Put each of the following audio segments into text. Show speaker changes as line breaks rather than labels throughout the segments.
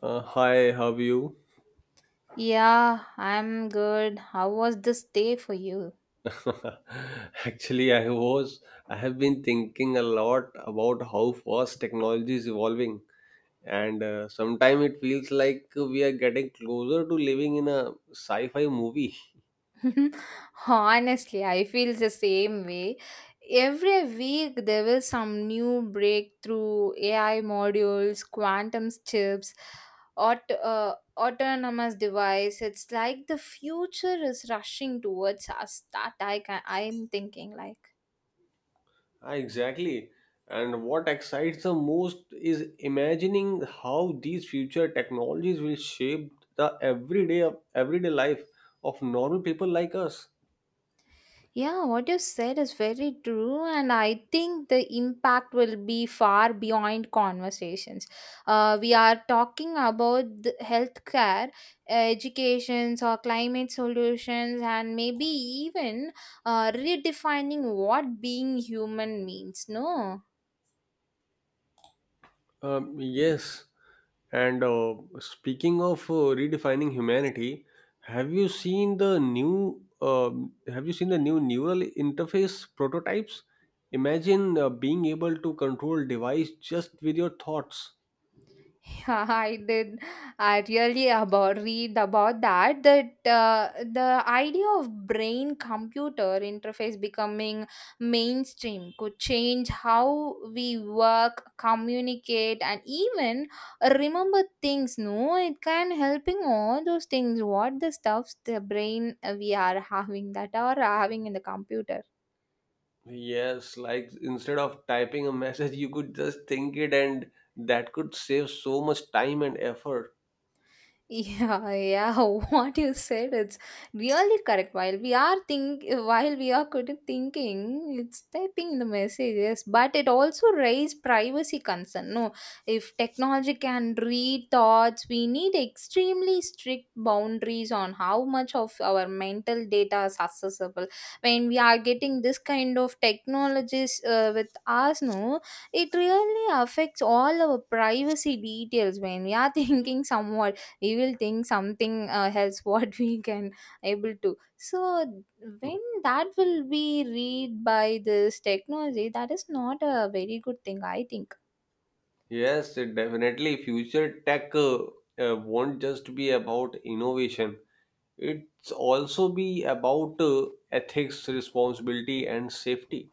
Hi, how are you?
Yeah, I'm good. How was this day for you?
Actually, I was. I have been thinking a lot about how fast technology is evolving, and sometimes it feels like we are getting closer to living in a sci-fi movie.
Honestly, I feel the same way. Every week there was some new breakthrough AI modules, quantum chips, autonomous device. It's like the future is rushing towards us. That I'm thinking like.
Ah, exactly. And what excites the most is imagining how these future technologies will shape the everyday life of normal people like us.
Yeah, what you said is very true, and I think the impact will be far beyond conversations. We are talking about the healthcare, educations, or climate solutions, and maybe even redefining what being human means. No.
Yes, and speaking of redefining humanity, have you seen the new uh, have you seen the new neural interface prototypes? Imagine being able to control device just with your thoughts.
Yeah, I did. I really about read about that. The idea of brain computer interface becoming mainstream could change how we work, communicate, and even remember things. No, it can helping all those things. What the stuffs the brain we are having in the computer.
Yes, like instead of typing a message, you could just think it, and that could save so much time and effort.
Yeah, yeah, what you said, it's really correct. While we are good at thinking, it's typing the messages, but it also raise privacy concern. No, if technology can read thoughts, we need extremely strict boundaries on how much of our mental data is accessible. When we are getting this kind of technologies with us, no, it really affects all our privacy details. When we are thinking somewhat we will think something else what we can able to so when that will be read by this technology that is not a very good thing I think.
Yes, it definitely future tech won't just be about innovation. It's also be about ethics responsibility and safety.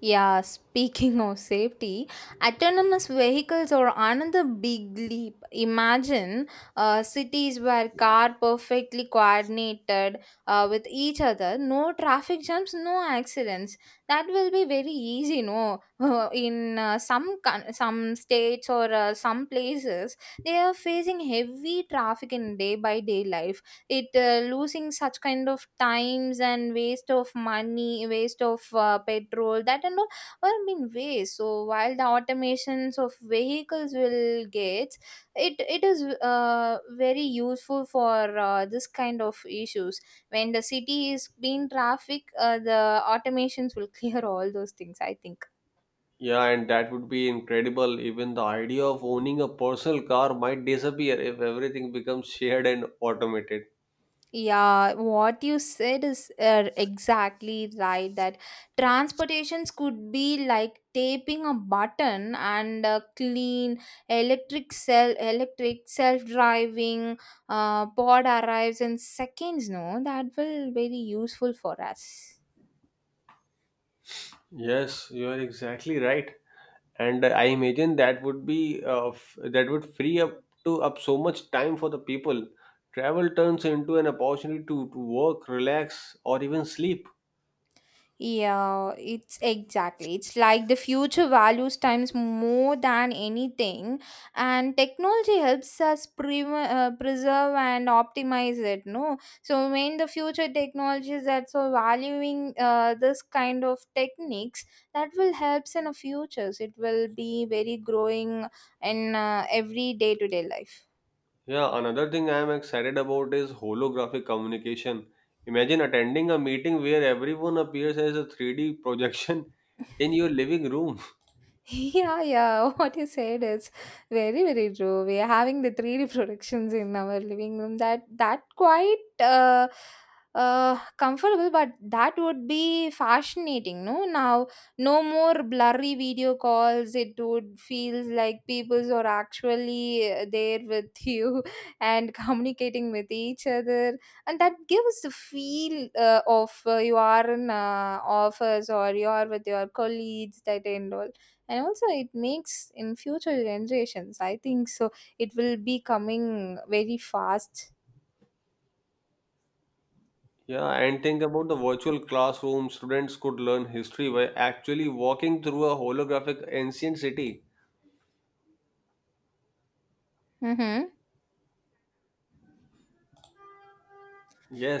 Yeah, speaking of safety, autonomous vehicles are another big leap. Imagine cities where car perfectly coordinated with each other, no traffic jams, no accidents. That will be very easy, no? In some states or some places, they are facing heavy traffic in day by day life. It losing such kind of times and waste of money, waste of petrol that and all been waste. So while the automations of vehicles will get it is very useful for this kind of issues. When the city is being traffic, the automations will clear all those things, I think.
Yeah, and that would be incredible. Even the idea of owning a personal car might disappear if everything becomes shared and automated.
Yeah, what you said is exactly right. That transportations could be like taping a button and a electric self-driving pod arrives in seconds. No, that will very useful for us.
Yes, you are exactly right, and I imagine that would be that would free up to up so much time for the people. Travel turns into an opportunity to work relax or even sleep.
Yeah, it's exactly. It's like the future values times more than anything, and technology helps us preserve and optimize it. No, so when the future technologies that's so valuing this kind of techniques, that will helps in the futures. It will be very growing in every day to day life.
Yeah, another thing I am excited about is holographic communication. Imagine attending a meeting where everyone appears as a 3D projection in your living room.
Yeah, yeah. What you said is very, very true. We are having the 3D productions in our living room. That quite comfortable, but that would be fascinating. No, now no more blurry video calls. It would feel like people are actually there with you and communicating with each other, and that gives the feel of you are in office or you are with your colleagues. That end all, and also it makes in future generations, I think. So it will be coming very fast.
Yeah, and think about the virtual classroom. Students could learn history by actually walking through a holographic ancient city.
Mm-hmm.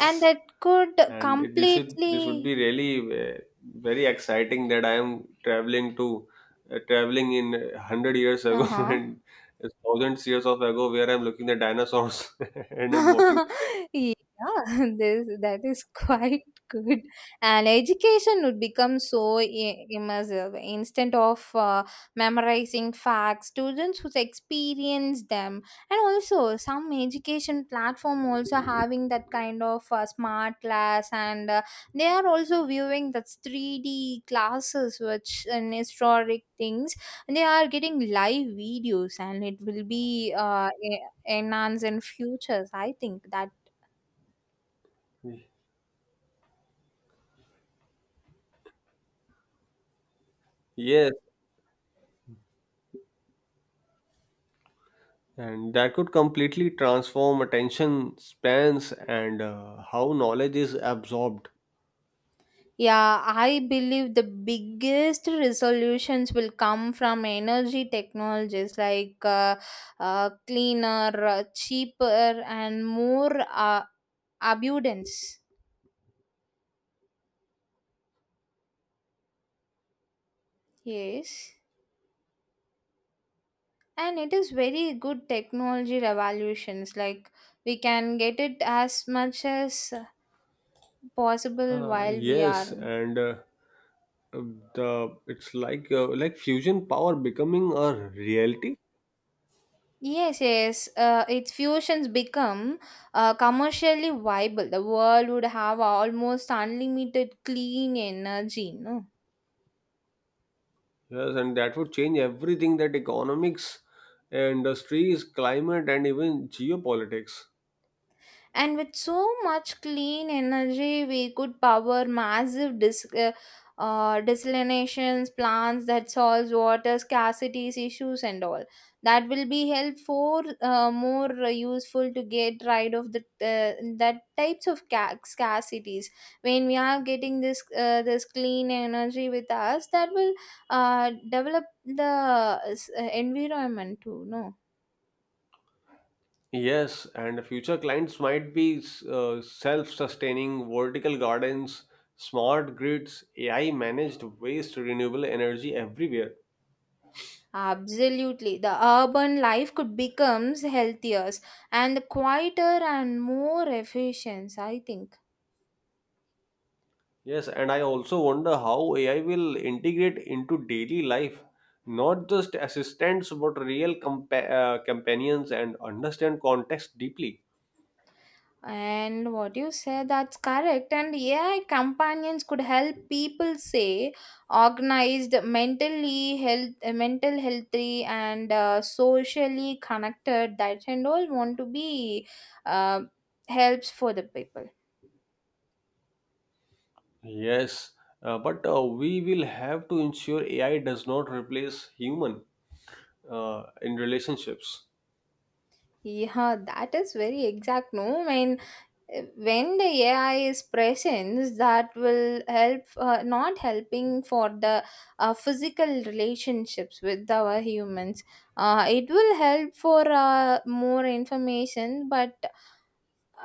And that could
And it, this would
completely...
be really very exciting that I am traveling to traveling in 100 years ago
Uh-huh.
and thousands years of ago where I'm looking at dinosaurs and I'm walking with them.
Yeah. This that is quite good. And education would become so immersive. Instead of memorizing facts, students would experience them. And also some education platform also having that kind of smart class, and they are also viewing that 3D classes which in historic things, they are getting live videos, and it will be enhance and futures, I think that.
Yes, and that could completely transform attention spans and how knowledge is absorbed.
Yeah, I believe the biggest resolutions will come from energy technologies like cleaner, cheaper and more uh, abundance. Yes, and it is very good technology revolutions, like we can get it as much as possible while we
Yes,
are...
and the it's like fusion power becoming a reality.
Yes, yes. Its fusions become commercially viable. The world would have almost unlimited clean energy. No.
Yes, and that would change everything: that economics, industries, climate, and even geopolitics.
And with so much clean energy we could power massive desalinations plants that solves water scarcity issues and all. That will be helpful, more useful to get rid of the that types of scarcities. When we are getting this clean energy with us, that will develop the environment too, no.
Yes, and future clients might be self sustaining vertical gardens, smart grids, AI managed waste, renewable energy everywhere.
Absolutely. The urban life could becomes healthier and quieter and more efficient, I think.
Yes, and I also wonder how AI will integrate into daily life, not just assistants, but real companions and understand context deeply.
And what you said, that's correct. And AI companions could help people say organized, mental healthy, and socially connected. That and all want to be uh, helps for the people.
Yes, but we will have to ensure AI does not replace human in relationships.
Yeah, that is very exact. No, I mean. When the AI is present, that will help, not helping for the physical relationships with our humans. It will help for more information, but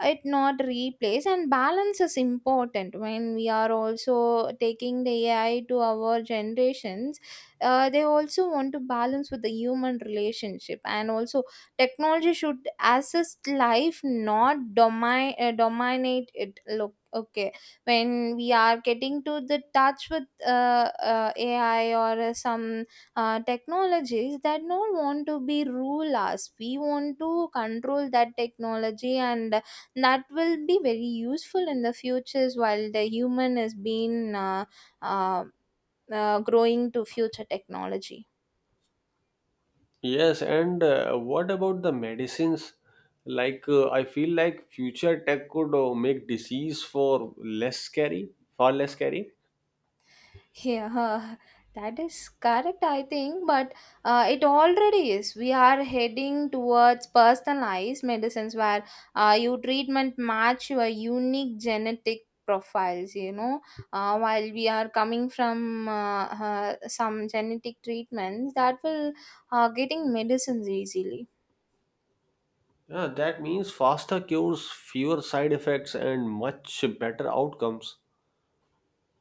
it not replace, and balance is important. When we are also taking the AI to our generations, they also want to balance with the human relationship. And also technology should assist life, not dominate it, look, okay. When we are getting to the touch with AI or some technologies, that not want to be rule us. We want to control that technology, and that will be very useful in the futures while the human is being uh, growing to future technology.
Yes, and what about the medicines? Like, I feel like future tech could make disease for less scary, far less scary.
Yeah, that is correct, I think. But it already is, we are heading towards personalized medicines where your treatment match your unique genetic profiles, you know. While we are coming from some genetic treatments, that will getting medicines easily.
Yeah, that means faster cures, fewer side effects, and much better outcomes.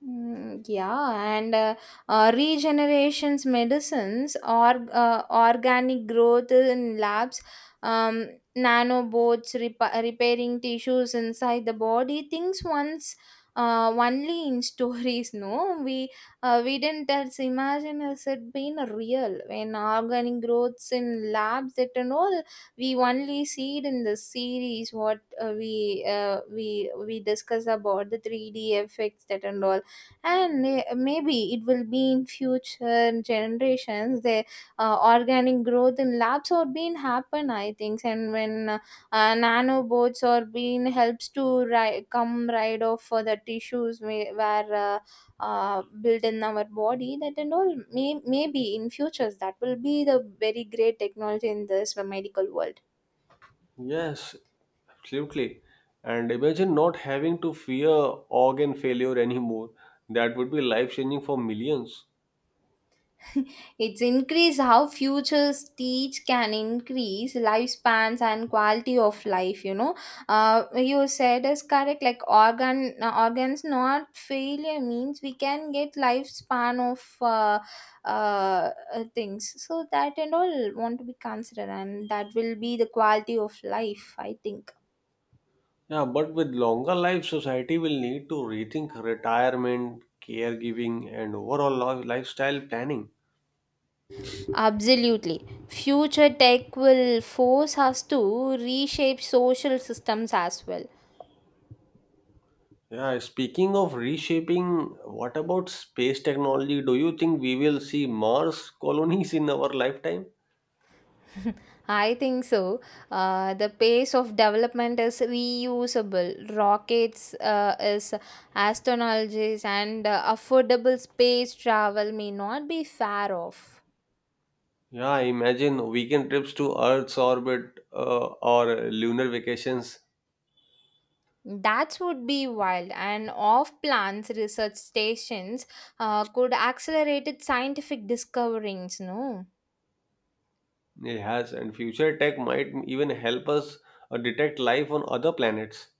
Mm, yeah, and regenerations medicines or organic growth in labs, um, nanobots repairing tissues inside the body. Things once only in stories. No, we didn't else imagine as it being real. When organic growths in labs that and all, we only see it in the series. What we discuss about the three D effects that and all. And eh, maybe it will be in future generations the organic growth in labs are being happen, I think. And when nanobots are being helps to come right off for the tissues, where built in our body, that and all, maybe in futures that will be the very great technology in this medical world.
Yes, absolutely. And imagine not having to fear organ failure anymore. That would be life changing for millions.
It's increased how futures teach can increase lifespans and quality of life. You know, you said is correct. Like organs not failure means we can get lifespan of uh, things. So that and all want to be considered, and that will be the quality of life, I think.
Yeah, but with longer life, society will need to rethink retirement, caregiving, and overall lifestyle planning.
Absolutely. Future tech will force us to reshape social systems as well.
Yeah, speaking of reshaping, what about space technology? Do you think we will see Mars colonies in our lifetime?
I think so. The pace of development is reusable. Rockets is astronologies and affordable space travel may not be far off.
Yeah, imagine weekend trips to Earth's orbit or lunar vacations.
That would be wild, and off plans research stations could accelerate its scientific discoveries. No.
It has, and future tech might even help us detect life on other planets.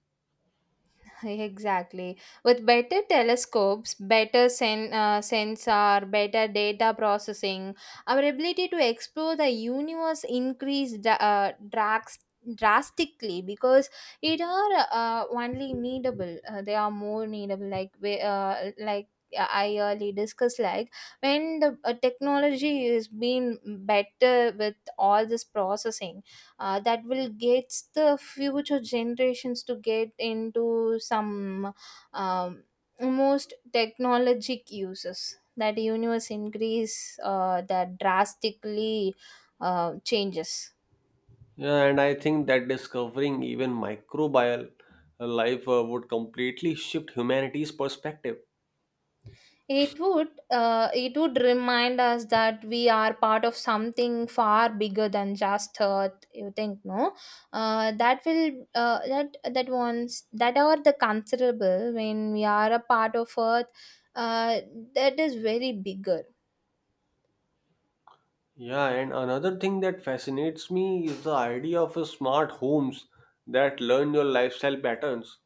Exactly. With better telescopes, sensor, better data processing, our ability to explore the universe increased drastically because it are only needable. They are more needable. Like I early discussed, like when the technology is being better with all this processing, that will get the future generations to get into some um, most technologic uses, that universe increase that drastically changes.
Yeah, and I think that discovering even microbial life would completely shift humanity's perspective.
It would remind us that we are part of something far bigger than just Earth. You think, no? That will that that ones that are the considerable when we are a part of Earth. Uh, that is very bigger.
Yeah, and another thing that fascinates me is the idea of a smart homes that learn your lifestyle patterns.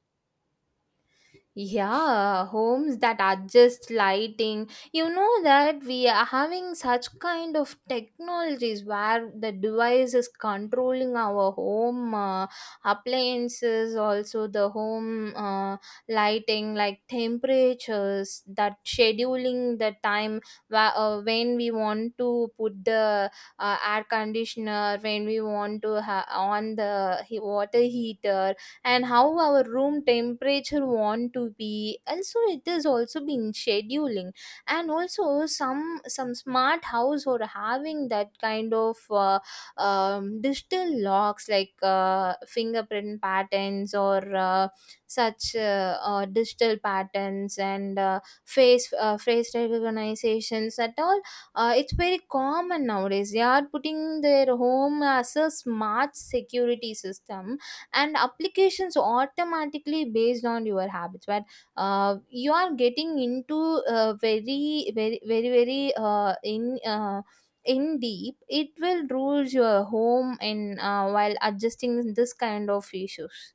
Yeah, homes that adjust lighting. You know that we are having such kind of technologies where the device is controlling our home appliances, also the home lighting, like temperatures, that scheduling the time when we want to put the air conditioner, when we want to on the water heater, and how our room temperature want to be, also it is also been scheduling. And also some smart house or having that kind of digital locks, like fingerprint patterns or such digital patterns, and face recognitions at all. It's very common nowadays they are putting their home as a smart security system and applications automatically based on your habits. But you are getting into very, very, very, very in deep, it will rules your home and while adjusting this kind of issues.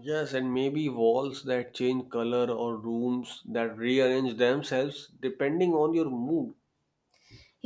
Yes, and maybe walls that change color or rooms that rearrange themselves depending on your mood.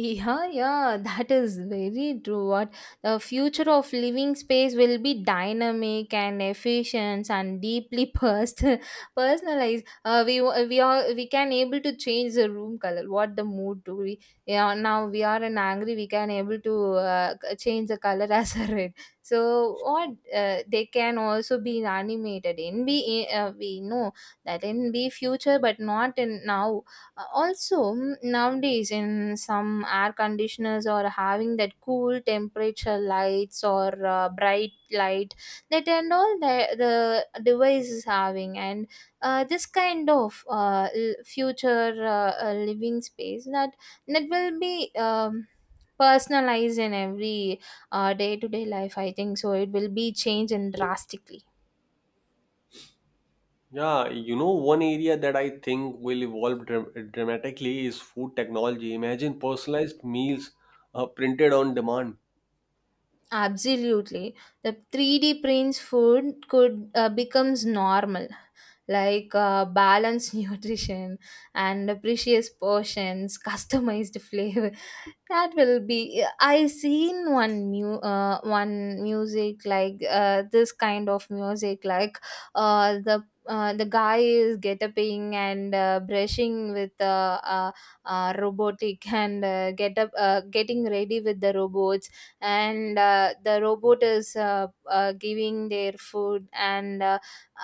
Yeah, yeah, that is very true. What the future of living space will be dynamic and efficient and deeply personal, personalized. We are we can able to change the room color, what the mood to be. Yeah, now we are in angry, we can able to change the color as a red. So what they can also be animated in be we know that in be future, but not in now also nowadays in some air conditioners are having that cool temperature lights or bright light that and all the device is having and this kind of future living space that will be personalized in every day-to-day life. I think so it will be changed and drastically.
Yeah, you know, one area that I think will evolve dramatically is food technology. Imagine personalized meals printed on demand.
Absolutely. The 3D prints food could becomes normal, like balanced nutrition and precious portions, customized flavor. That will be, I seen one one music like this kind of music like the guy is get and brushing with robotic and get up, getting ready with the robots, and the robot is giving their food, and uh,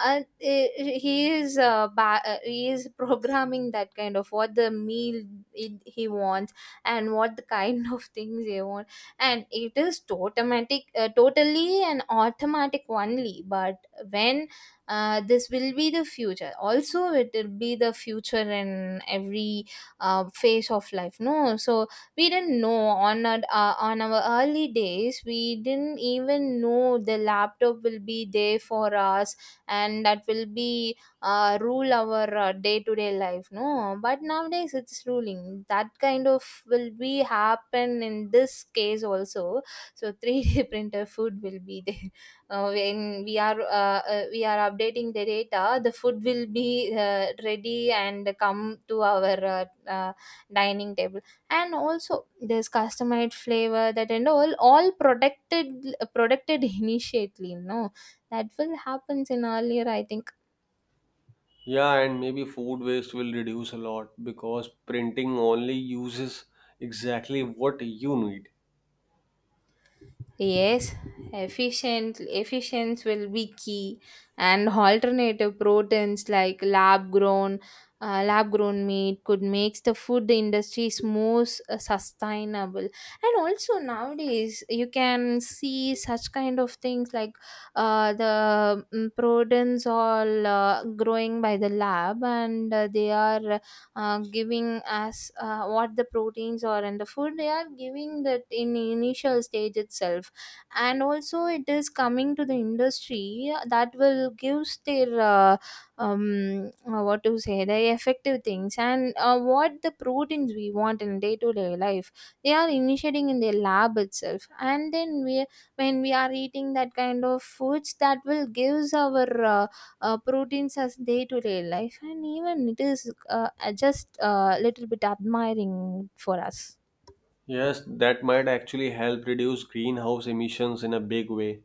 uh, he he is he is programming that kind of what the meal it, he wants, and what the kind of things they want, and it is automatic, totally an automatic only. But when this will be the future, also it will be the future in every phase of life, no? So we didn't know on our early days, we didn't even know the laptop will be there for us, and that will be rule our day to day life, no? But nowadays it's ruling. That kind of will be happen in this case also. So 3D printer food will be there. When we are updating the data, the food will be ready and come to our uh, dining table, and also there's customized flavor that and all, all protected initially, no? That will happens in earlier, I think.
Yeah, and maybe food waste will reduce a lot because printing only uses exactly what you need.
Yes, efficient efficiency will be key, and alternative proteins like lab grown meat could make the food industries more sustainable. And also nowadays, you can see such kind of things like proteins all growing by the lab, and they are giving us what the proteins are in the food. They are giving that in initial stage itself, and also it is coming to the industry that will gives their what to say, the effective things, and what the proteins we want in day to day life, they are initiating in their lab itself. And then we, when we are eating that kind of foods, that will gives our proteins as day to day life, and even it is just a little bit admiring for us.
Yes, that might actually help reduce greenhouse emissions in a big way.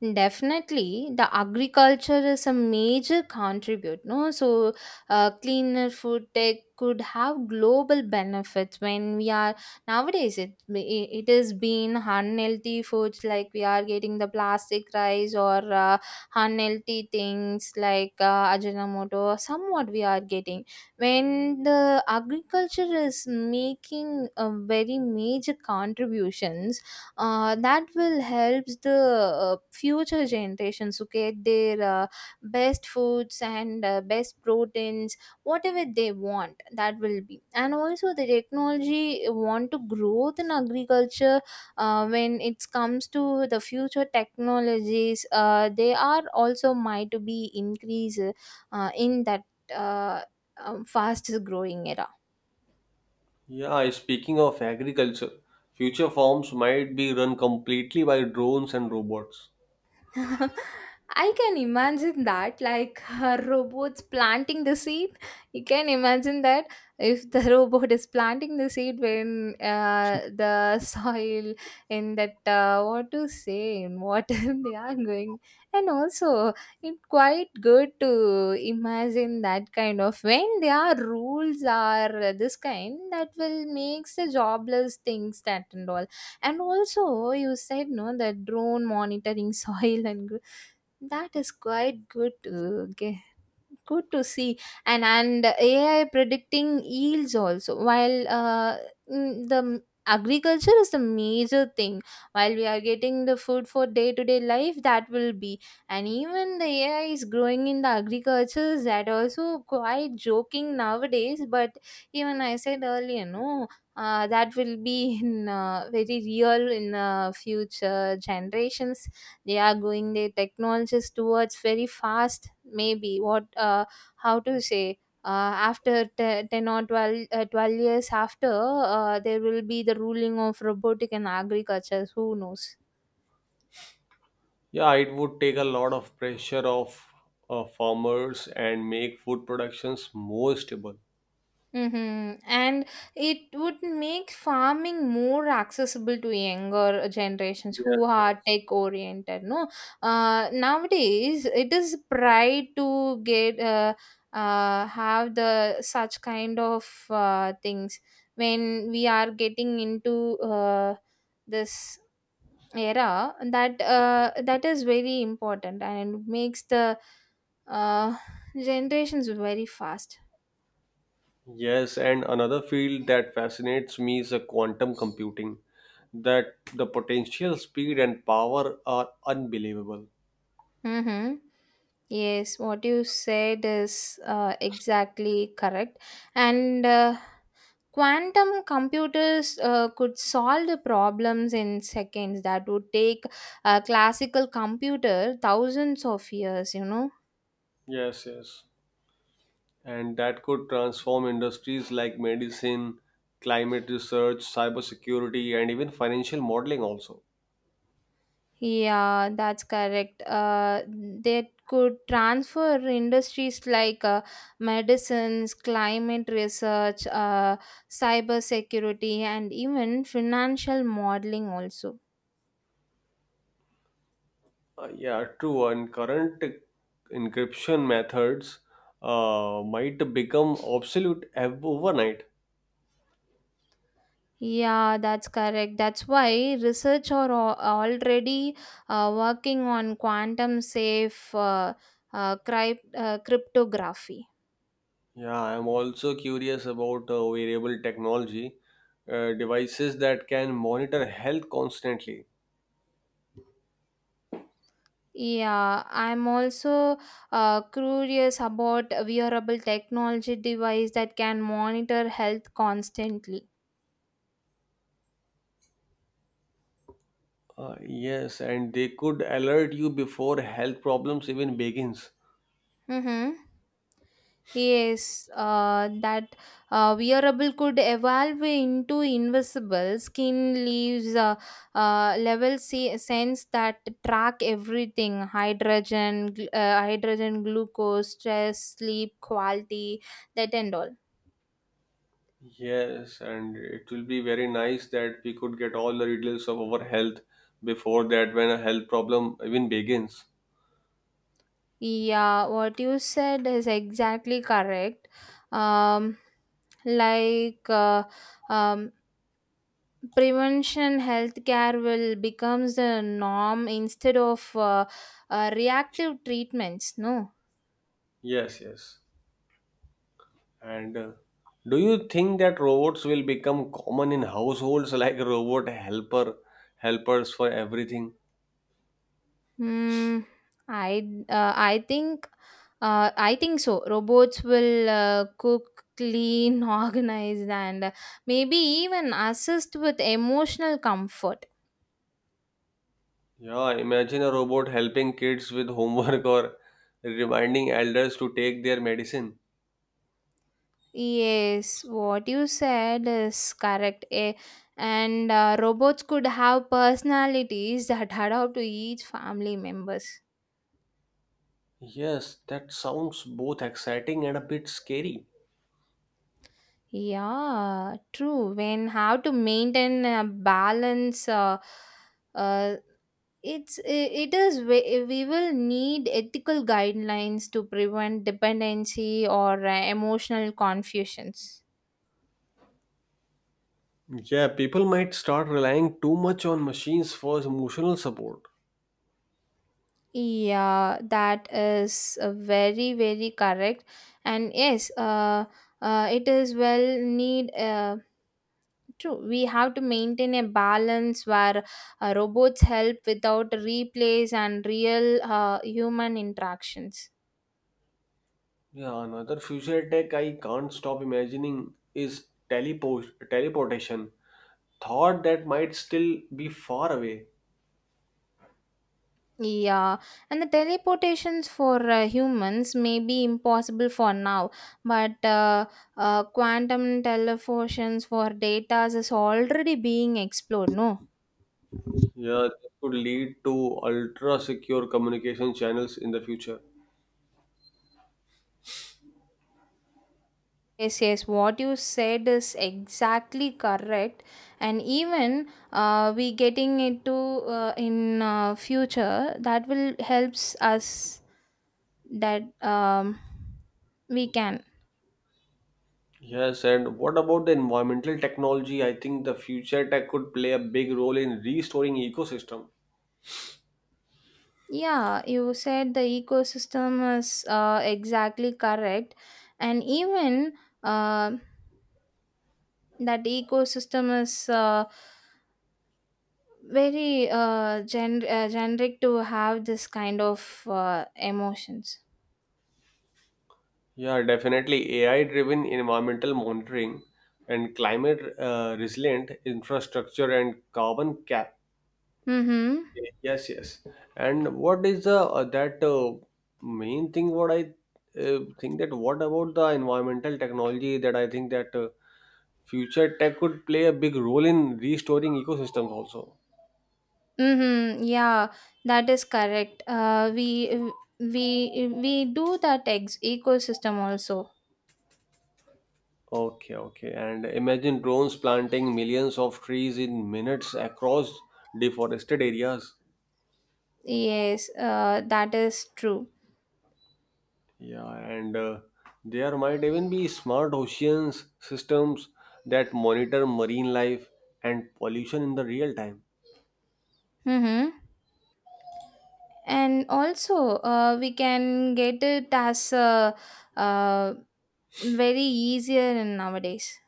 Definitely, the agriculture is a major contribute, no? So cleaner food tech could have global benefits. When we are nowadays, it is being unhealthy foods, like we are getting the plastic rice or unhealthy things like ajinomoto. Somewhat we are getting when the agriculture is making a very major contributions, that will helps the future generations to get their best foods and best proteins whatever they want. That will be, and also the technology want to growth in agriculture. When it comes to the future technologies, they are also might to be increase in that uh, fast growing era.
Yeah, speaking of agriculture, future farms might be run completely by drones and robots.
I can imagine that, like her robots planting the seed. You can imagine that if the robot is planting the seed when the soil, in that what to say, in water they are going. And also, it's quite good to imagine that kind of, when there are rules are this kind, that will makes the jobless things that and all. And also you said no, the drone monitoring, soil and that is quite good to good to see. And AI predicting yields also. While agriculture is the major thing, while we are getting the food for day to day life, that will be. And even the AI is growing in the agriculture, that also quite joking nowadays. But even I said earlier, no, that will be in very real in future generations. They are going their technologies towards very fast. Maybe what how to say, after 10 or 12, 12 years after, there will be the ruling of robotic and agriculture, who knows.
Yeah, it would take a lot of pressure off farmers and make food productions more stable.
Mm-hmm. And it would make farming more accessible to younger generations
Yes,
who are
yes.
tech oriented, no? Nowadays it is pride to get have the such kind of things when we are getting into this era that that is very important, and makes the uh, generations very fast.
Yes, and another field that fascinates me is the quantum computing, that the potential speed and power are unbelievable.
Mm-hmm. Yes, what you said is exactly correct. And quantum computers could solve the problems in seconds that would take a classical computer thousands of years, you know.
Yes, yes. And that could transform industries like medicine, climate research, cybersecurity, and even financial modeling also.
Yeah, that's correct. They could transfer industries like medicines, climate research, cyber security, and even financial modeling also.
Yeah, true. And current encryption methods might become obsolete overnight.
Yeah, that's correct. That's why research are already working on quantum safe cryptography.
Yeah, I'm also curious about wearable technology, devices that can monitor health constantly.
Yeah, I'm also curious about wearable technology device that can monitor health constantly.
Yes, and they could alert you before health problems even begins.
Mm-hmm. Yes, that wearable could evolve into invisible skin leaves uh, uh, level sense that track everything: hydrogen, hydrogen, glucose, stress, sleep quality, that and all.
Yes, and it will be very nice that we could get all the details of our health before that when a health problem even begins.
Yeah, what you said is exactly correct. Um, like uh, um, prevention healthcare will becomes the norm instead of reactive treatments, no?
Yes, yes. And do you think that robots will become common in households like robot helper helpers for everything?
Hmm. I I think I think so robots will cook, clean, organize, and maybe even assist with emotional comfort.
Yeah, imagine a robot helping kids with homework or reminding elders to take their medicine.
Yes, what you said is correct. Eh, and robots could have personalities that adapt to each family members.
Yes, that sounds both exciting and a bit scary.
Yeah, true. When how to maintain a balance, uh, it is we will need ethical guidelines to prevent dependency or emotional confusions.
Yeah, people might start relying too much on machines for emotional support.
Yeah, that is uh, very correct. And yes, it is well need true, we have to maintain a balance where robots help without replace and real human interactions.
Yeah, another future tech I can't stop imagining is teleportation. Thought that might still be far away.
Yeah, and the teleportations for humans may be impossible for now, but quantum teleportations for data is already being explored, no?
Yeah, this could lead to ultra secure communication channels in the future.
Yes, yes, what you said is exactly correct. And even we getting into in future that will helps us that we can.
Yes, and what about the environmental technology? I think the future tech could play a big role in restoring ecosystem.
Yeah, you said the ecosystem is exactly correct. And even uh, that ecosystem is uh, very generic to have this kind of emotions.
Yeah, definitely AI-driven environmental monitoring and climate resilient infrastructure and carbon cap.
Mm-hmm.
Yes, yes. And what is the that main thing? What I think that what about the environmental technology that I think that future tech could play a big role in restoring ecosystems also.
Mm-hmm. Yeah, that is correct. We we do that ecosystem also.
Okay, okay. And imagine drones planting millions of trees in minutes across deforested areas.
Yes, that is true.
Yeah, and there might even be smart oceans systems that monitor marine life and pollution in the real time.
Mm-hmm. And also, we can get it as uh, very easier in nowadays.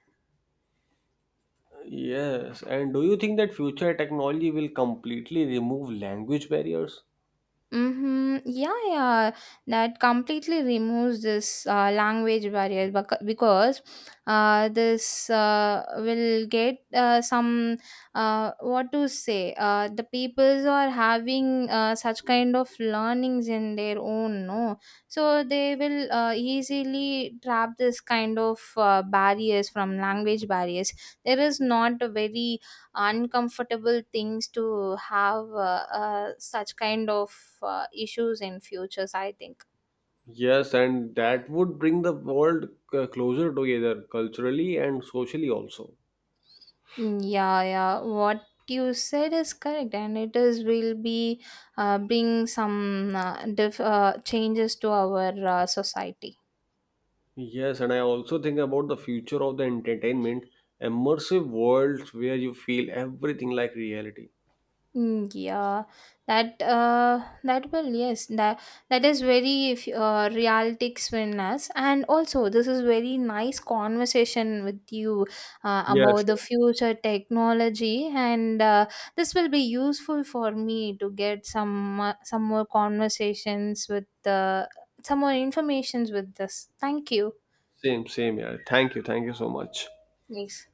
Yes, and do you think that future technology will completely remove language barriers?
Mm-hmm. Yeah, yeah. That completely removes this language barrier, because this will get some what to say. The peoples are having such kind of learnings in their own, no? So they will easily trap this kind of barriers from language barriers. There is not a very uncomfortable things to have such kind of issues in futures, I think.
Yes, and that would bring the world closer together culturally and socially also.
Mm, yeah, yeah, what you said is correct, and it is will be bring some changes to our society.
Yes, and I also think about the future of the entertainment, immersive worlds where you feel everything like reality.
Mm, yeah, that that will yes, that that is very, if realistic us. And also this is very nice conversation with you
Yes,
about the
yes.
future technology. And this will be useful for me to get some more conversations with some more informations with this. Thank you.
Same, same. Yeah. Thank you so much.
Yes.